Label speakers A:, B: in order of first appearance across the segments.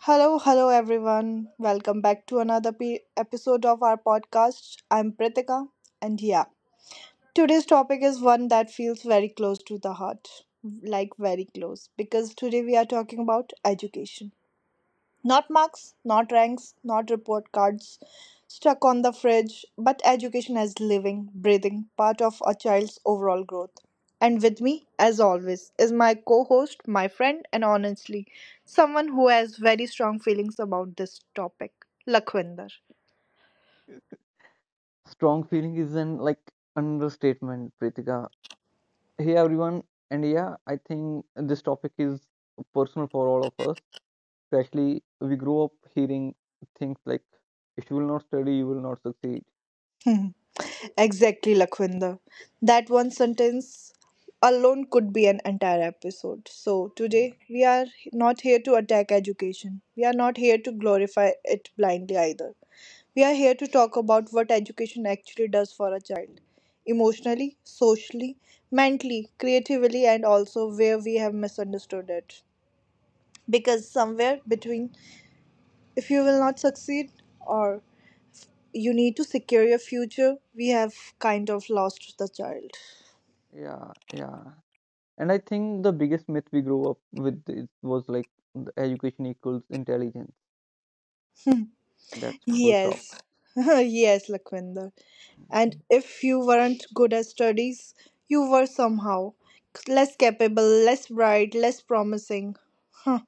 A: Hello, hello everyone. Welcome back to another episode of our podcast. I'm Pritika, and yeah, today's topic is one that feels very close to the heart, like, very close, because today we are talking about education. Not marks, not ranks, not report cards stuck on the fridge, but education as living, breathing, part of a child's overall growth. And with me, as always, is my co host, my friend, and honestly, someone who has very strong feelings about this topic, Lakhwinder.
B: Strong feeling is an understatement, Pritika. Hey everyone, and yeah, I think this topic is personal for all of us. Especially we grow up hearing things like if you will not study, you will not succeed.
A: Hmm, exactly, Lakhvinder. That one sentence alone could be an entire episode. So,
B: Yeah.
A: today we are not here to attack education. We are not here to glorify it blindly either. We are here to talk about what education actually does for a child emotionally, socially, mentally, creatively, and also where we have misunderstood it. Because somewhere between, if you will not succeed, or you need to secure your future, we have kind of lost the child.
B: Yeah, yeah. And I think the biggest myth we grew up with was like the education equals intelligence. That's full stop.
A: Yes. Yes, Lakhvinder. And if you weren't good at studies, you were somehow less capable, less bright, less promising. Huh.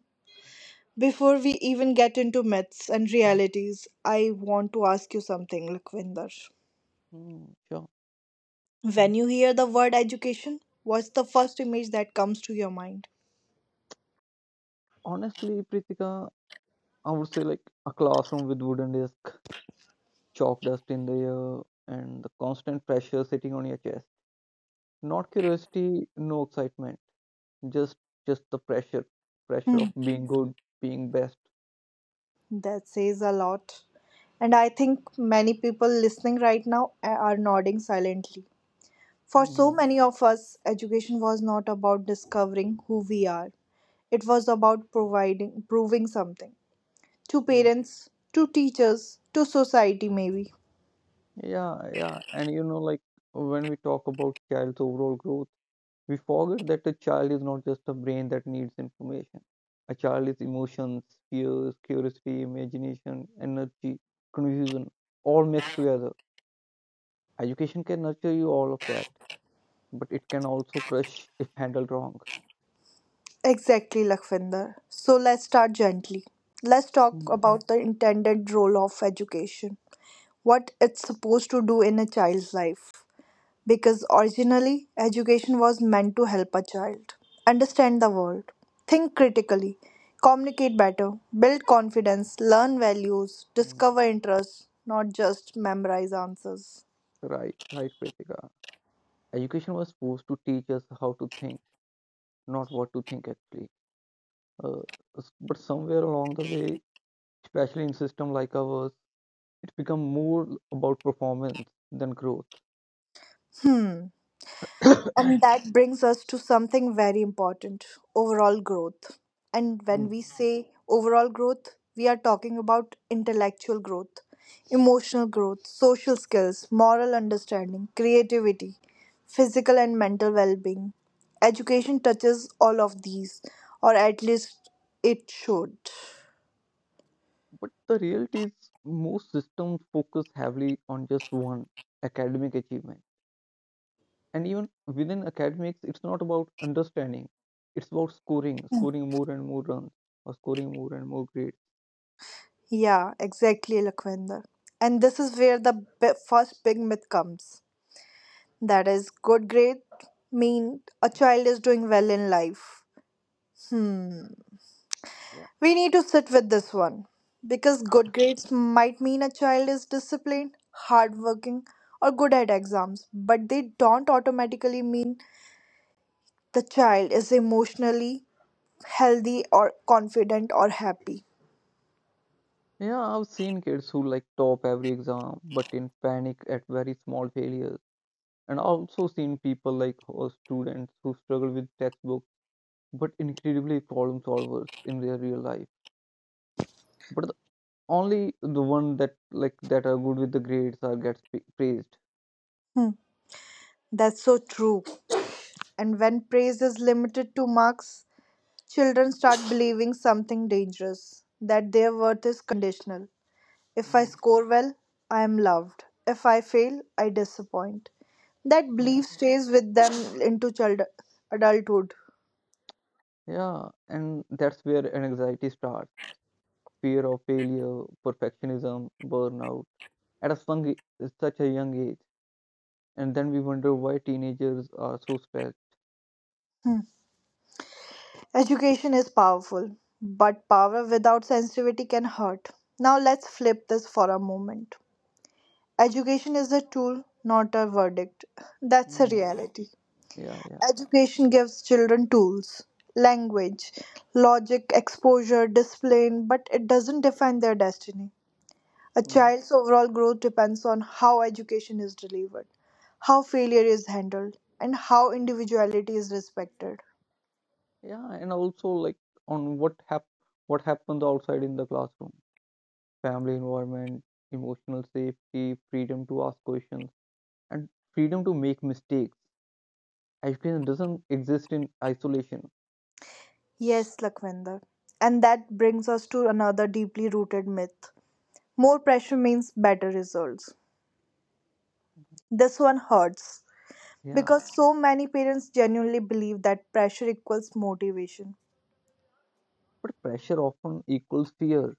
A: Before we even get into myths and realities, I want to ask you something, Lakhvinder.
B: Hmm, sure.
A: When you hear the word education, what's the first image that comes to your mind?
B: Honestly, Pritika, I would say like a classroom with wooden desk, chalk dust in the air, and the constant pressure sitting on your chest. Not curiosity, no excitement. just just the pressure
A: Hmm.
B: of being good, being best.
A: That says a lot. And I think many people listening right now are nodding silently. For so
B: Mm,
A: many of us, education was not about discovering who we are. It was about providing proving something to
B: mm.
A: parents, to teachers, to society maybe.
B: Yeah, yeah. And when we talk about child's overall growth, we forget that a child is not just a brain that needs information. A child is emotions, fears, curiosity, imagination, energy, confusion, all mixed together. Education can nurture you all of that, but it can also crush if handled wrong.
A: Exactly, Lakhvinder. So let's start gently. Let's talk
B: Mm,
A: about the intended role of education. What it's supposed to do in a child's life. Because originally, education was meant to help a child understand the world, think critically, communicate better, build confidence, learn values,
B: mm.
A: discover interests, not just memorize answers.
B: Right, right, Pritika, education was supposed to teach us how to think, not what to think, actually. Uh, but somewhere along the way, especially in system like ours, it become more about performance than growth.
A: Hmm. And that brings us to something very important: overall growth. And when
B: Mm.
A: we say overall growth, we are talking about intellectual growth, emotional growth, social skills, moral understanding, creativity, physical and mental well being. Education touches all of these, or at least it should.
B: But the reality is, most systems focus heavily on just one academic achievement. And even within academics, it's not about understanding, it's about scoring, scoring more and more runs, or scoring more and more grades.
A: Yeah, exactly, Lakhvinder. And this is where the first big myth comes. That is good grade mean a child is doing well in life. Hmm.
B: Yeah.
A: We need to sit with this one because good grades might mean a child is disciplined, hardworking, or good at exams, but they don't automatically mean the child is emotionally healthy or confident or happy.
B: Yeah, I've seen kids who like top every exam, but in panic at very small failures. And I've also seen people like students who struggle with textbooks but incredibly problem solvers in their real life. But the, only the one that that are good with the grades are gets praised.
A: That's so true. And when praise is limited to marks, children start believing something dangerous: that their worth is conditional. If I
B: Mhm.
A: score well, I am loved. If I fail, I disappoint. That
B: Yeah,
A: belief stays with them into adulthood.
B: yeah, and that's where anxiety starts. Fear of failure, perfectionism, burnout. at a sung, such a young age, and then we wonder why teenagers are so stressed.
A: Hmm. Education is powerful, but power without sensitivity can hurt. Now let's flip this for a moment. Education is a tool, not a verdict. That's a
B: Mm,
A: reality.
B: yeah, yeah,
A: Education gives children tools, language, logic, exposure, discipline, but it doesn't define their destiny. A
B: mm.
A: child's overall growth depends on how education is delivered, how failure is handled, and how individuality is respected.
B: Yeah, and also like on what happens outside in the classroom, family environment, emotional safety, freedom to ask questions, and freedom to make mistakes. Education doesn't exist in isolation.
A: Yes, Lakhvinder. And that brings us to another deeply rooted myth. More pressure means better results. This one hurts
B: Yeah,
A: because so many parents genuinely believe that pressure equals motivation.
B: but pressure often equals fear,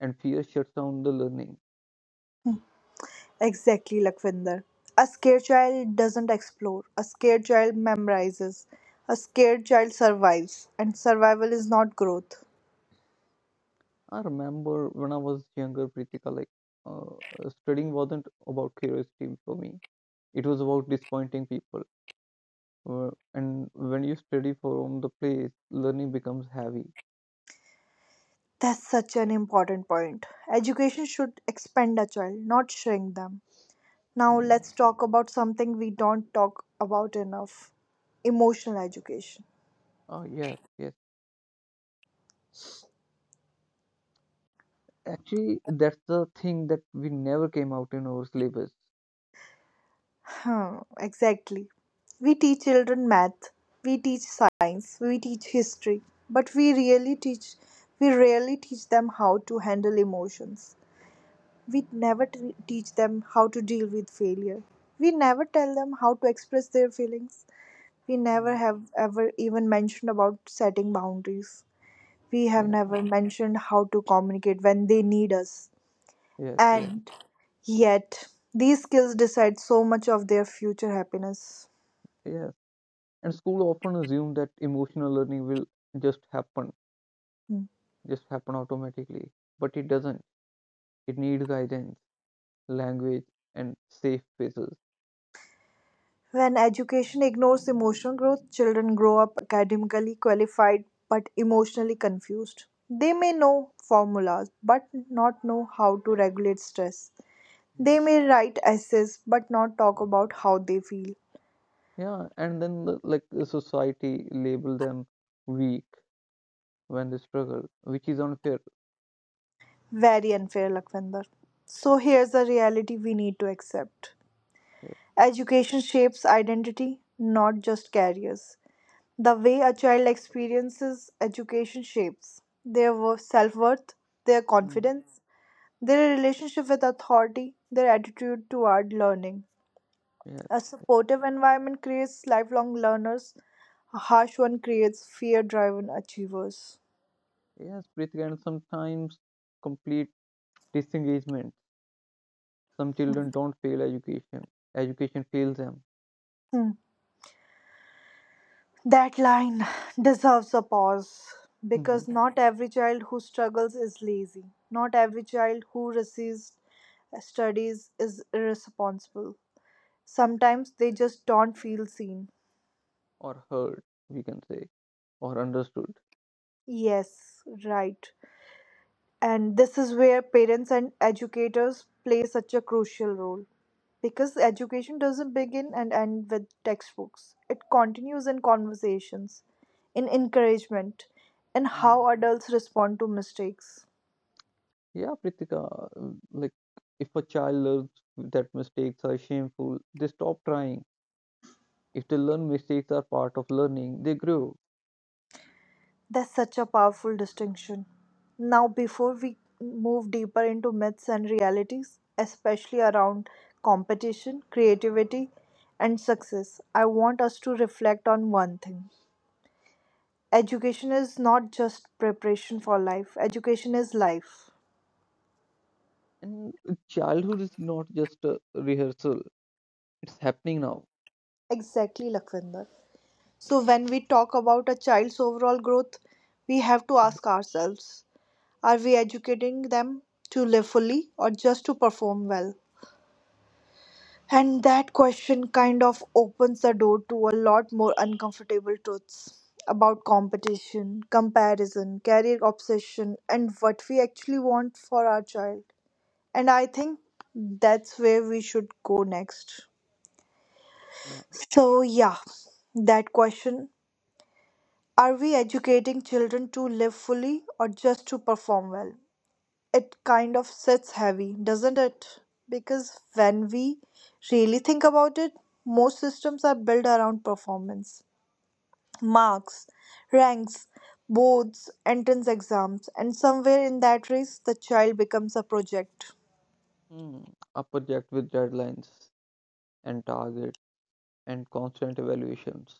B: and fear shuts down the learning.
A: Exactly, Lakvinder. A scared child doesn't explore. A scared child memorizes. A scared child survives. And survival is not growth.
B: I remember when I was younger, Pritika, like studying wasn't about curiosity for me. It was about disappointing people. And when you study from the place, learning becomes heavy.
A: That's such an important point. Education should expand a child, not shrink them. Now,
B: Mm.
A: let's talk about something we don't talk about enough: emotional education.
B: Oh, yes, yes. Actually, that's the thing that we never came out in our syllabus.
A: Huh, exactly. We teach children math, we teach science, we teach history, but we rarely teach them how to handle emotions. We never teach them how to deal with failure. We never tell them how to express their feelings. We never
B: Mm.
A: have ever even mentioned about setting boundaries. We have
B: Yeah,
A: never mentioned how to communicate when they need us.
B: yes, yes,
A: And yet, these skills decide so much of their future happiness.
B: yes. And school often assume that emotional learning will just happen,
A: Hmm.
B: just happen automatically. But it doesn't. It needs guidance, language, and safe spaces.
A: When education ignores emotional growth, children grow up academically qualified but emotionally confused. They may know formulas but not know how to regulate stress.
B: Yeah.
A: They may write essays but not talk about how they feel.
B: Yeah, and then the society label them weak when they struggle, which is unfair.
A: Very unfair, Lakwinder. So here's the reality we need to accept.
B: Yeah.
A: Education shapes identity, not just careers. The way a child experiences education shapes their self worth, their
B: Mm.
A: confidence, their relationship with authority, their attitude toward learning.
B: Yeah,
A: A supportive environment creates lifelong learners, a harsh one creates fear driven achievers.
B: yes, Pritika, and sometimes complete disengagement. Some children don't fail education. Education fails them.
A: Hmm. That line deserves a pause
B: Mhm.
A: because not every child who struggles is lazy. Not every child who receives studies is irresponsible. Sometimes they just don't feel seen.
B: Or heard, we can say, or understood.
A: Yes, right. And this is where parents and educators play such a crucial role because education doesn't begin and end with textbooks. It continues in conversations, in encouragement, in
B: Mhm.
A: how adults respond to mistakes.
B: Yeah, Pritika, like if a child learns that mistakes are shameful, they stop trying. If they learn mistakes are part of learning, they grow.
A: That's such a powerful distinction. Now, before we move deeper into myths and realities, especially around competition, creativity, and success, I want us to reflect on one thing. Education is not just preparation for life, education is life.
B: And childhood is not just a rehearsal, it's happening now.
A: Exactly, Lakvinder. So, when we talk about a child's overall growth, we have to ask ourselves, are we educating them to live fully or just to perform well? And that question kind of opens the door to a lot more uncomfortable truths about competition, comparison, career obsession, and what we actually want for our child. And I think that's where we should go next.
B: Yeah.
A: So, yeah, that question, are we educating children to live fully or just to perform well? It kind of sits heavy, doesn't it? Because when we really think about it, most systems are built around performance, marks, ranks, boards, entrance exams, and somewhere in that race, the child becomes a project.
B: Hmm. A project with deadlines and targets and constant evaluations.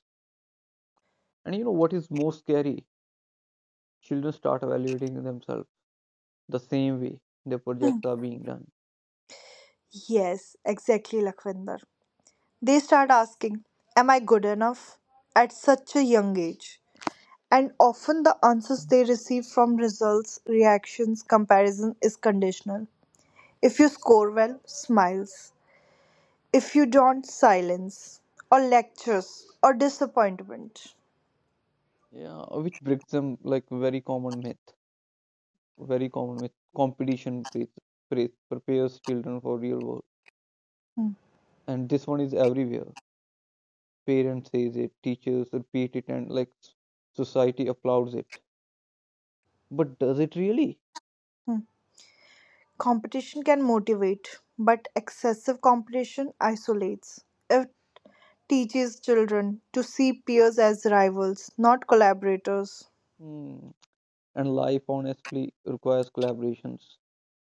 B: And you know what is most scary? Children start evaluating themselves the same way their projects are being done.
A: Yes, exactly, Lakhvinder. They start asking, am I good enough? At such a young age. And often the answers they receive from results, reactions, comparison is conditional. If you score well, smiles. If you don't, silence, or lectures, or disappointment.
B: Yeah, which breaks them like very common myth. Very common myth. Competition prepares children for real world.
A: Hmm,
B: And this one is everywhere. Parents says it, teachers repeat it, and like society applauds it. But does it really?
A: hmm. Competition can motivate, but excessive competition isolates. It teaches children to see peers as rivals, not collaborators.
B: Hmm. And life honestly requires collaborations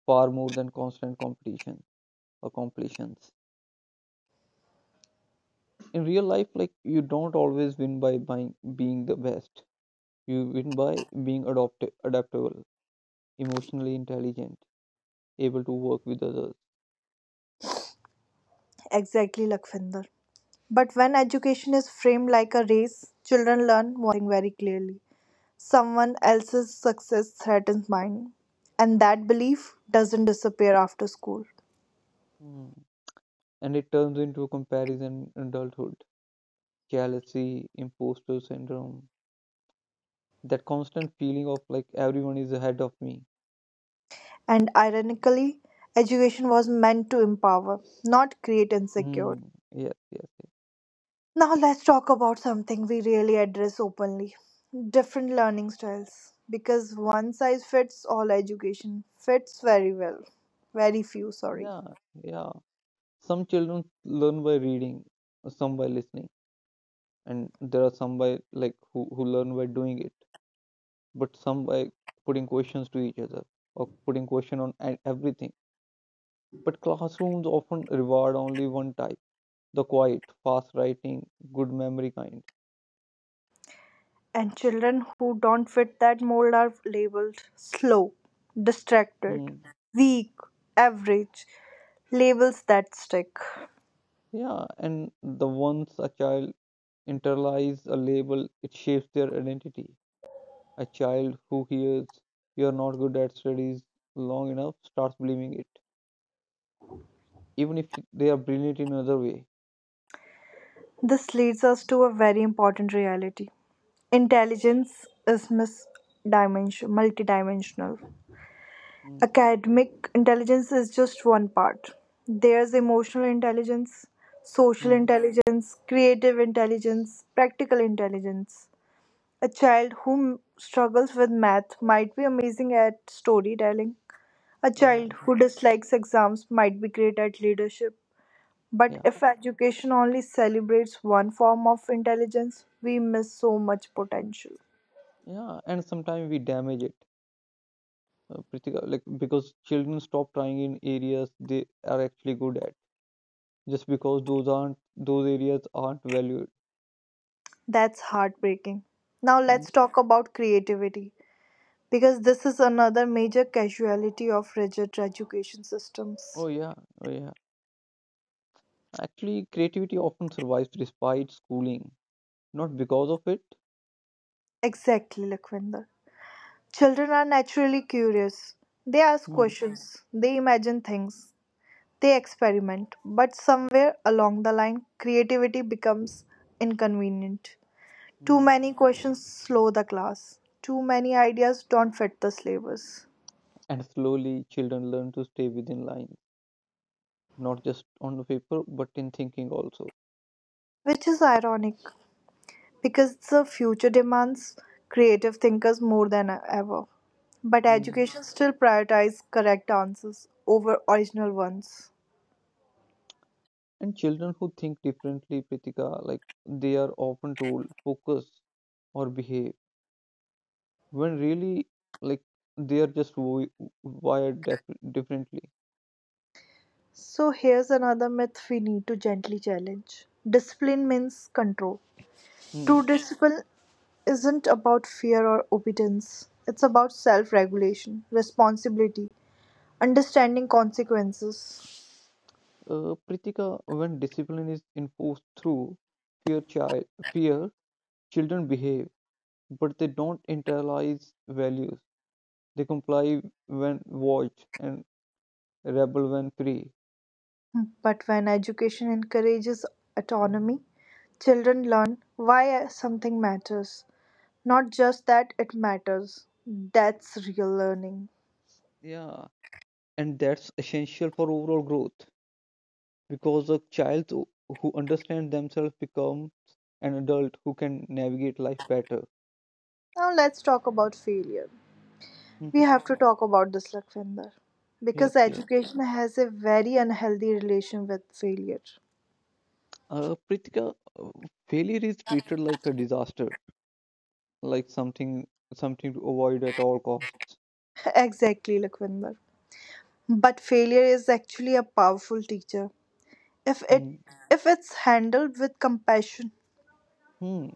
B: far more than constant competition or completions. In real life, like you don't always win by being the best. You win by being adopt adaptable, emotionally intelligent, able to work with others.
A: Exactly, Lakvinder. But when education is framed like a race, children learn one thing very clearly: someone else's success threatens mine. And that belief doesn't disappear after school.
B: Hmm. And it turns into a comparison in adulthood: jealousy, imposter syndrome, that constant feeling of like everyone is ahead of me.
A: And ironically, education was meant to empower, not create
B: Hmm.
A: insecurity.
B: Yes, yes, yes.
A: Now, let's talk about something we really address openly: different learning styles. Because one size fits all education fits very well, very few, sorry.
B: Yeah, yeah. Some children learn by reading, some by listening, and there are some by like who learn by doing it, but some by putting questions to each other or putting question on everything. But classrooms often reward only one type, the quiet, fast writing, good memory kind.
A: And children who don't fit that mold are labeled slow, distracted,
B: Hmm.
A: weak, average, labels that stick.
B: Yeah, and the once a child internalize a label, it shapes their identity. A child who hears "you're not good at studies" long enough starts believing it, even if they are brilliant in another way.
A: This leads us to a very important reality. Intelligence is multidimensional.
B: Mm,
A: Academic intelligence is just one part. There's emotional intelligence, social
B: mm,
A: intelligence, creative intelligence, practical intelligence. A child who struggles with math might be amazing at storytelling. A
B: yeah,
A: child
B: yeah,
A: who dislikes exams might be great at leadership. But
B: yeah,
A: if education only celebrates one form of intelligence, we miss so much potential.
B: yeah. And sometimes we damage it, Pritika, like because children stop trying in areas they are actually good at, just because those areas aren't valued.
A: That's heartbreaking. Now
B: Mm.
A: let's talk about creativity because this is another major casualty of rigid education systems.
B: Oh yeah, oh yeah. Actually, creativity often survives despite schooling, not because of it.
A: Exactly, Lakhvinder. Children are naturally curious. They ask
B: Mm,
A: questions, they imagine things, they experiment, but somewhere along the line, creativity becomes inconvenient. Too
B: mm.
A: many questions slow the class. Too many ideas don't fit the syllabus.
B: And slowly, children learn to stay within lines, not just on the paper but in thinking also.
A: Which is ironic because the future demands creative thinkers more than ever. But
B: Mm.
A: education still prioritizes correct answers over original ones.
B: And children who think differently, Pritika, like they are often told focus or behave when really like they are just wired differently.
A: So here's another myth we need to gently challenge. Discipline means control.
B: Hmm.
A: True discipline isn't about fear or obedience. It's about self regulation, responsibility, understanding consequences.
B: Pritika, when discipline is enforced through fear, fear, children behave, but they don't internalize values. They comply when watched and rebel when free.
A: Hmm. But when education encourages autonomy, children learn why something matters, not just that it matters. That's real learning.
B: Yeah, and that's essential for overall growth because a child who understands themselves becomes an adult who can navigate life better.
A: Now let's talk about failure. We
B: Mhm.
A: have to talk about this, Lakvinder, because
B: Yes, yes.
A: education has a very unhealthy relation with failure.
B: Pritika, uh, failure is treated like a disaster, like something to avoid at all costs.
A: Exactly, Lakvinder. But failure is actually a powerful teacher if it
B: Mm.
A: if it's handled with compassion.
B: Hmm.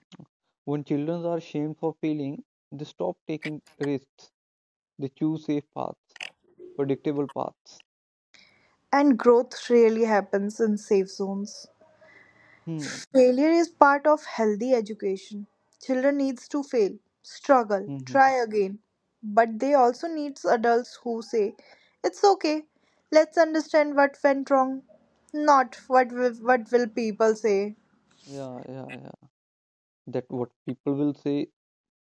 B: When children are shamed for failing, they stop taking risks. They choose safe paths, predictable paths.
A: And growth really happens in safe zones.
B: Hmm.
A: Failure is part of healthy education. Children needs to fail, struggle, try
B: Hmm.
A: again, but they also needs adults who say, "It's okay. Let's understand what went wrong, not what will people say."
B: Yeah, yeah, yeah. That "what people will say"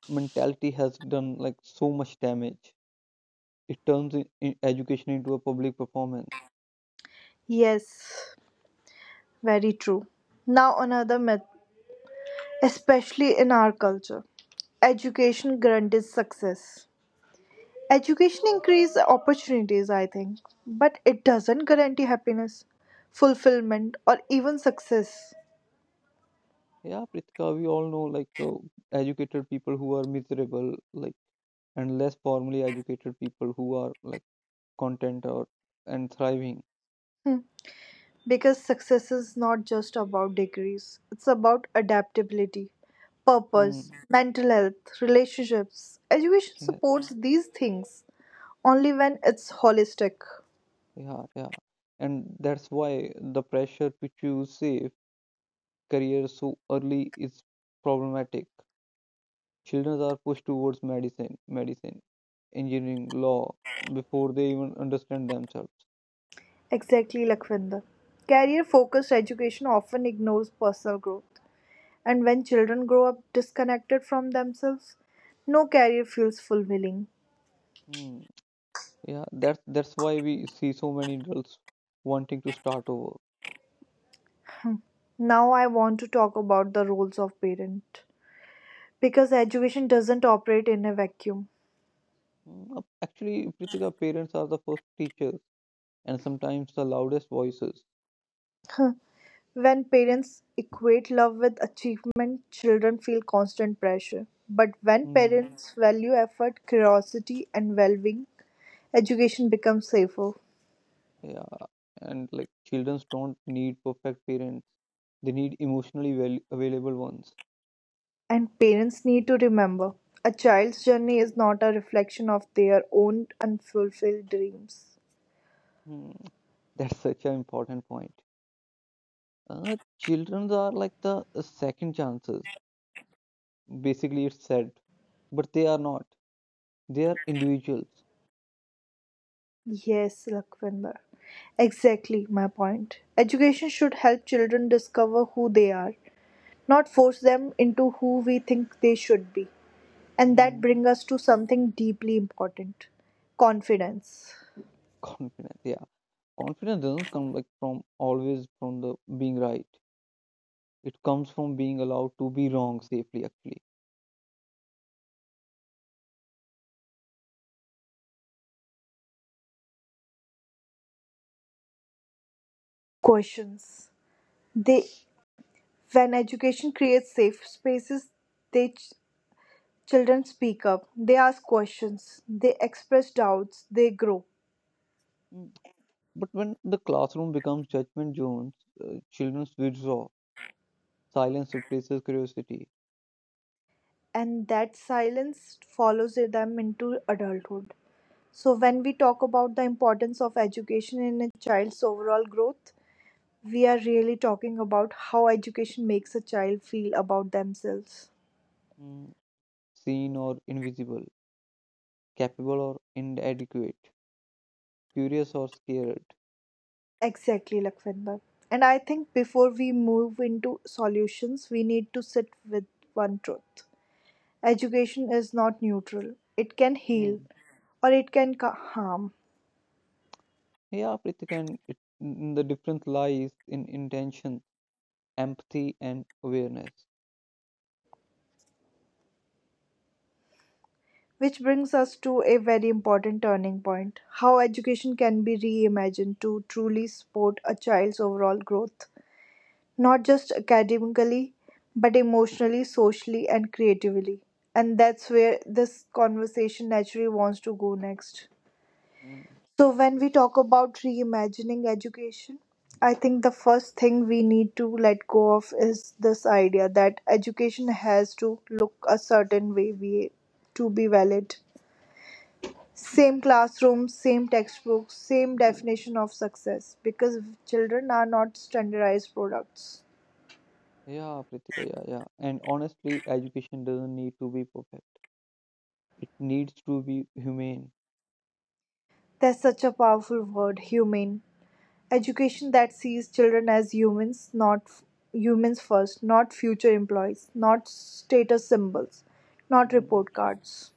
B: mentality has done like so much damage. It turns in education into a public performance.
A: Yes, very true. Now another myth, especially in our culture. Education guarantees success. Education increases opportunities, I think, but it doesn't guarantee happiness, fulfillment, or even success.
B: Yeah, Pritika, we all know like educated people who are miserable, like and less formally educated people who are like content or and thriving.
A: Hmm. Because success is not just about degrees, it's about adaptability, purpose,
B: Mm,
A: mental health, relationships. Education
B: yeah,
A: supports these things only when it's holistic.
B: yeah, yeah. And that's why the pressure to choose safe careers so early is problematic. Children are pushed towards medicine, engineering, law before they even understand themselves.
A: Exactly, Lakhvinder. Career focused education often ignores personal growth. And when children grow up disconnected from themselves, no career feels fulfilling.
B: Hmm. Yeah, that's why we see so many adults wanting to start over.
A: Now, I want to talk about the roles of parent because education doesn't operate in a vacuum.
B: Hmm, actually, Pritika, parents are the first teachers and sometimes the loudest voices.
A: When parents equate love with achievement, children feel constant pressure. But when
B: Hmm.
A: parents value effort, curiosity, and well being, education becomes safer.
B: Yeah, and like children don't need perfect parents; they need emotionally val available ones.
A: And parents need to remember, a child's journey is not a reflection of their own unfulfilled dreams.
B: Hmm. That's such an important point. Children are like the second chances. Basically it's said but they are not, they are individuals.
A: Yes, Lakwinder. Exactly my point. Education should help children discover who they are, not force them into who we think they should be. And that
B: Mm.
A: brings us to something deeply important: confidence.
B: Confidence, yeah, confidence doesn't come like from always from the being right. It comes from being allowed to be wrong safely, actually.
A: Questions: They When education creates safe spaces, they ch- children speak up. They ask questions. They express doubts. They grow,
B: Mm. But when the classroom becomes judgment zones, children withdraw. Silence replaces curiosity.
A: and that silence follows them into adulthood. So when we talk about the importance of education in a child's overall growth, we are really talking about how education makes a child feel about themselves.
B: Mm. Seen or invisible, capable or inadequate, curious or scared.
A: Exactly, Lakvinder. And I think before we move into solutions, we need to sit with one truth. Education is not neutral. It can
B: Mm.
A: heal or it can harm.
B: Yeah, Prithik, and the difference lies in intention, empathy and awareness.
A: Which brings us to a very important turning point: how education can be reimagined to truly support a child's overall growth, not just academically, but emotionally, socially, and creatively. And that's where this conversation naturally wants to go next.
B: Mm.
A: So, when we talk about reimagining education, I think the first thing we need to let go of is this idea that education has to look a certain way to be valid. Same classroom, same textbooks, same definition of success, because children are not standardized products.
B: Yeah, Pritika, yeah, yeah. And honestly, education doesn't need to be perfect. It needs to be humane.
A: That's such a powerful word, humane. Education that sees children as humans, not f- humans first, not future employees, not status symbols, not
B: Mm.
A: report cards.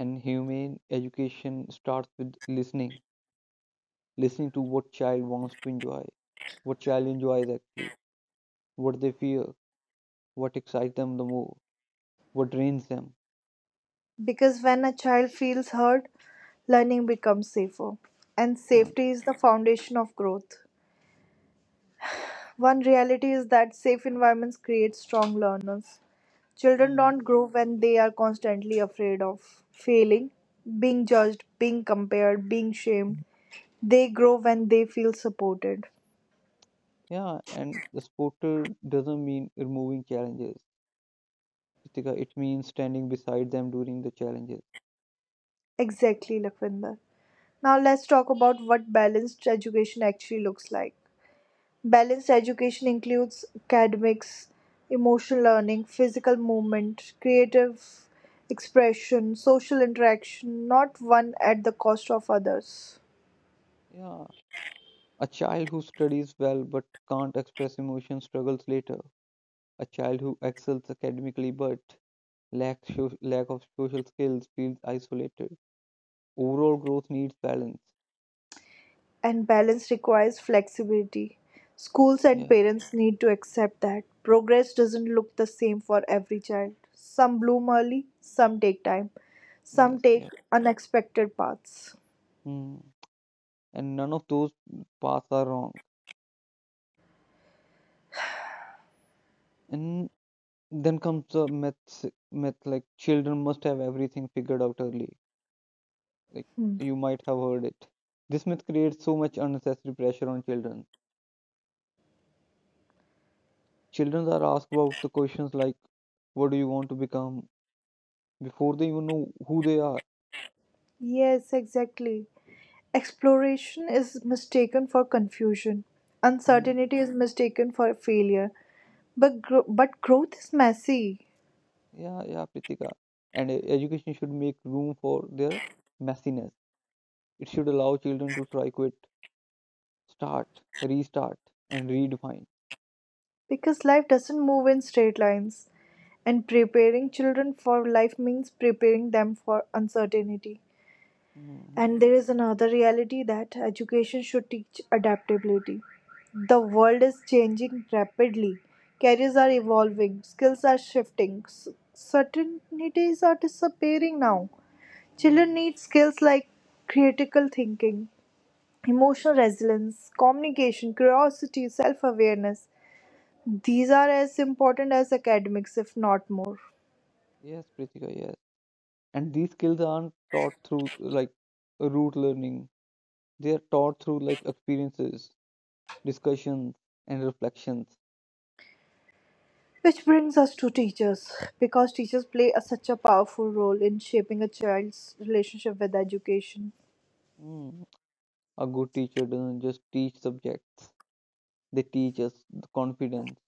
B: And humane education starts with listening. Listening to what child enjoys actually, what they fear, what excites them the more, what drains them.
A: Because when a child feels heard, learning becomes safer. And
B: Uh,
A: safety is the foundation of growth. One reality is that safe environments create strong learners. Children
B: mm.
A: don't grow when they are constantly afraid of failing, being judged, being compared, being shamed. They grow when they feel supported.
B: Yeah, and the supporter doesn't mean removing challenges. Pritika, it means standing beside them during the challenges.
A: Exactly, Lakwinder. Now let's talk about what balanced education actually looks like. Balanced education includes academics, emotional learning, physical movement, creative expression, social interaction, not one at the cost of others.
B: Yeah. A child who studies well but can't express emotion struggles later. A child who excels academically but lack of social skills feels isolated. Overall growth needs balance.
A: And balance requires flexibility. Schools and
B: Yeah.
A: parents need to accept that progress doesn't look the same for every child. Some bloom early, some take time, some
B: Yes.
A: take
B: Yes.
A: unexpected paths.
B: Hmm. And none of those paths are wrong. And then comes the myth like children must have everything figured out early. Like
A: Hmm.
B: you might have heard it. This myth creates so much unnecessary pressure on children. Children are asked about the questions like, what do you want to become before they even know who they are.
A: Yes, exactly. Exploration is mistaken for confusion.
B: Mm,
A: Uncertainty is mistaken for failure. But growth is messy
B: yeah, yeah, Pritika. And education should make room for their messiness. It should allow children to try, quit, start, restart, and redefine.
A: because life doesn't move in straight lines. And preparing children for life means preparing them for uncertainty. And
B: Mm,
A: there is another reality, that education should teach adaptability. The world is changing rapidly. Careers are evolving, skills are shifting, certainties are disappearing now. Children
B: mm.
A: need skills like critical thinking, emotional resilience, communication, curiosity, self awareness. These are as important as academics, if not more.
B: Yes, Pritika, yes. And these skills aren't taught through like rote learning. They are taught through like experiences, discussions, and reflections.
A: Which brings us to teachers, because teachers play a, such a powerful role in shaping a child's relationship with education.
B: Mm. A good teacher doesn't just teach subjects. They teach us the confidence,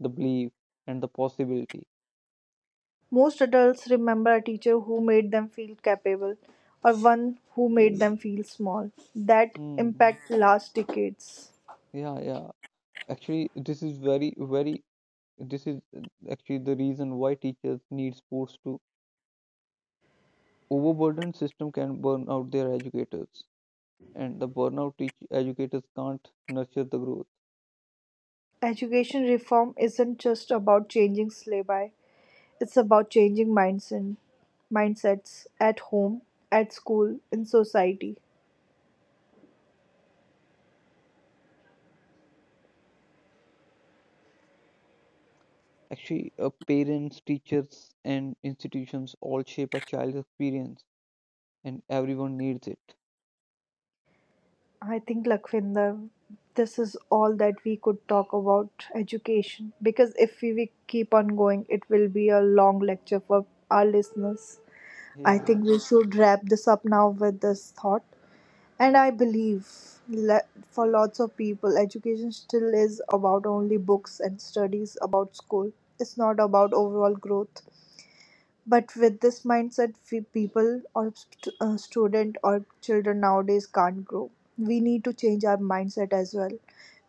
B: the belief, and the possibility.
A: Most adults remember a teacher who made them feel capable, or one who made them feel small. That
B: Hmm.
A: impact lasts decades.
B: Yeah, yeah. Actually, this is very, very. This is actually the reason why teachers need sports to overburdened system can burn out their educators, and the burnout teach educators can't nurture the growth.
A: Education reform isn't just about changing syllabi, it's about changing mindsets at home, at school, in society.
B: Actually, parents, teachers, and institutions all shape a child's experience, and everyone needs it.
A: I think, Lakvinder, this is all that we could talk about education, because if we keep on going, it will be a long lecture for our listeners. I
B: Yeah.
A: think we should wrap this up now with this thought. And I believe le- for lots of people, education still is about only books and studies, about school. It's not about overall growth. But with this mindset, we people, or student or children nowadays, can't grow. We need to change our mindset as well.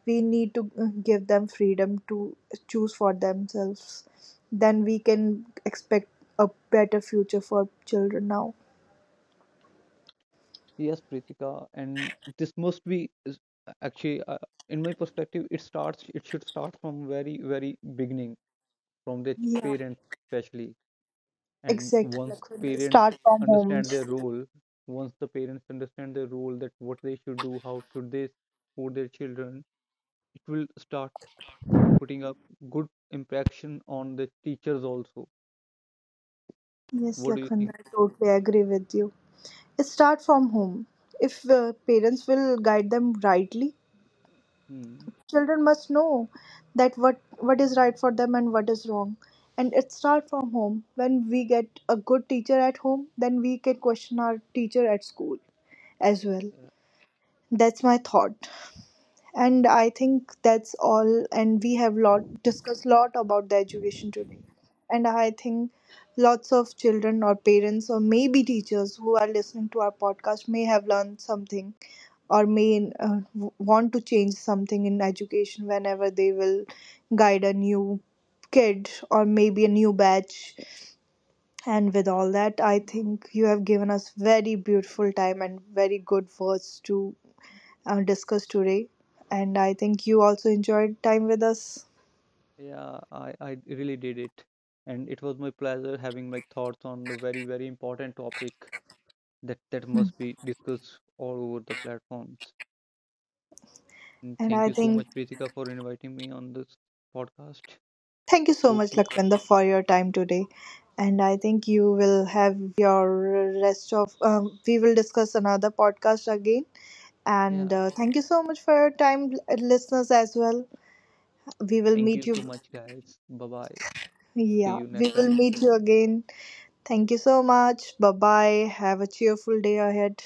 A: We need to give them freedom to choose for themselves. Then we can expect a better future for children now.
B: Yes, Pritika, and this must be actually, in my perspective, it starts. It should start from very, very beginning, from the
A: Yeah,
B: parents especially. And
A: exactly, Lakhvinder. Start from
B: understand
A: homes.
B: their role, once the parents understand their role, that what they should do, how should they support their children, it will start putting up good impression on the teachers also.
A: Yes,
B: What do you
A: Lakhvinder,
B: think?
A: I totally agree with you. Start from home. If parents will guide them rightly,
B: Hmm.
A: children must know that what is right for them and what is wrong. And it starts from home. When we get a good teacher at home, then we can question our teacher at school as well. That's my thought, and I think that's all, and we have lot discussed lot about the education today, and I think lots of children or parents or maybe teachers who are listening to our podcast may have learned something, or may want to change something in education whenever they will guide a new kid or maybe a new batch. And with all that, I think you have given us very beautiful time and very good words to discussed today. And I think you also enjoyed time with us.
B: Yeah, I really did it. And it was my pleasure having my thoughts on the very, very important topic that, that must be discussed all over the platforms. And
A: And
B: thank
A: I
B: you so
A: think
B: much, Pritika, for inviting me on this podcast.
A: thank you so
B: Hope
A: much,
B: to,
A: Lakwinder, for your time today. And I think you will have your rest of. We will discuss another podcast again. And
B: yeah,
A: thank you so much for your time, listeners, as well. We will
B: thank
A: meet
B: you
A: you.
B: so much, guys. Bye bye. See
A: Yeah,
B: you
A: we
B: next
A: will
B: time.
A: meet you again. Thank you so much. Bye bye. Have a cheerful day ahead.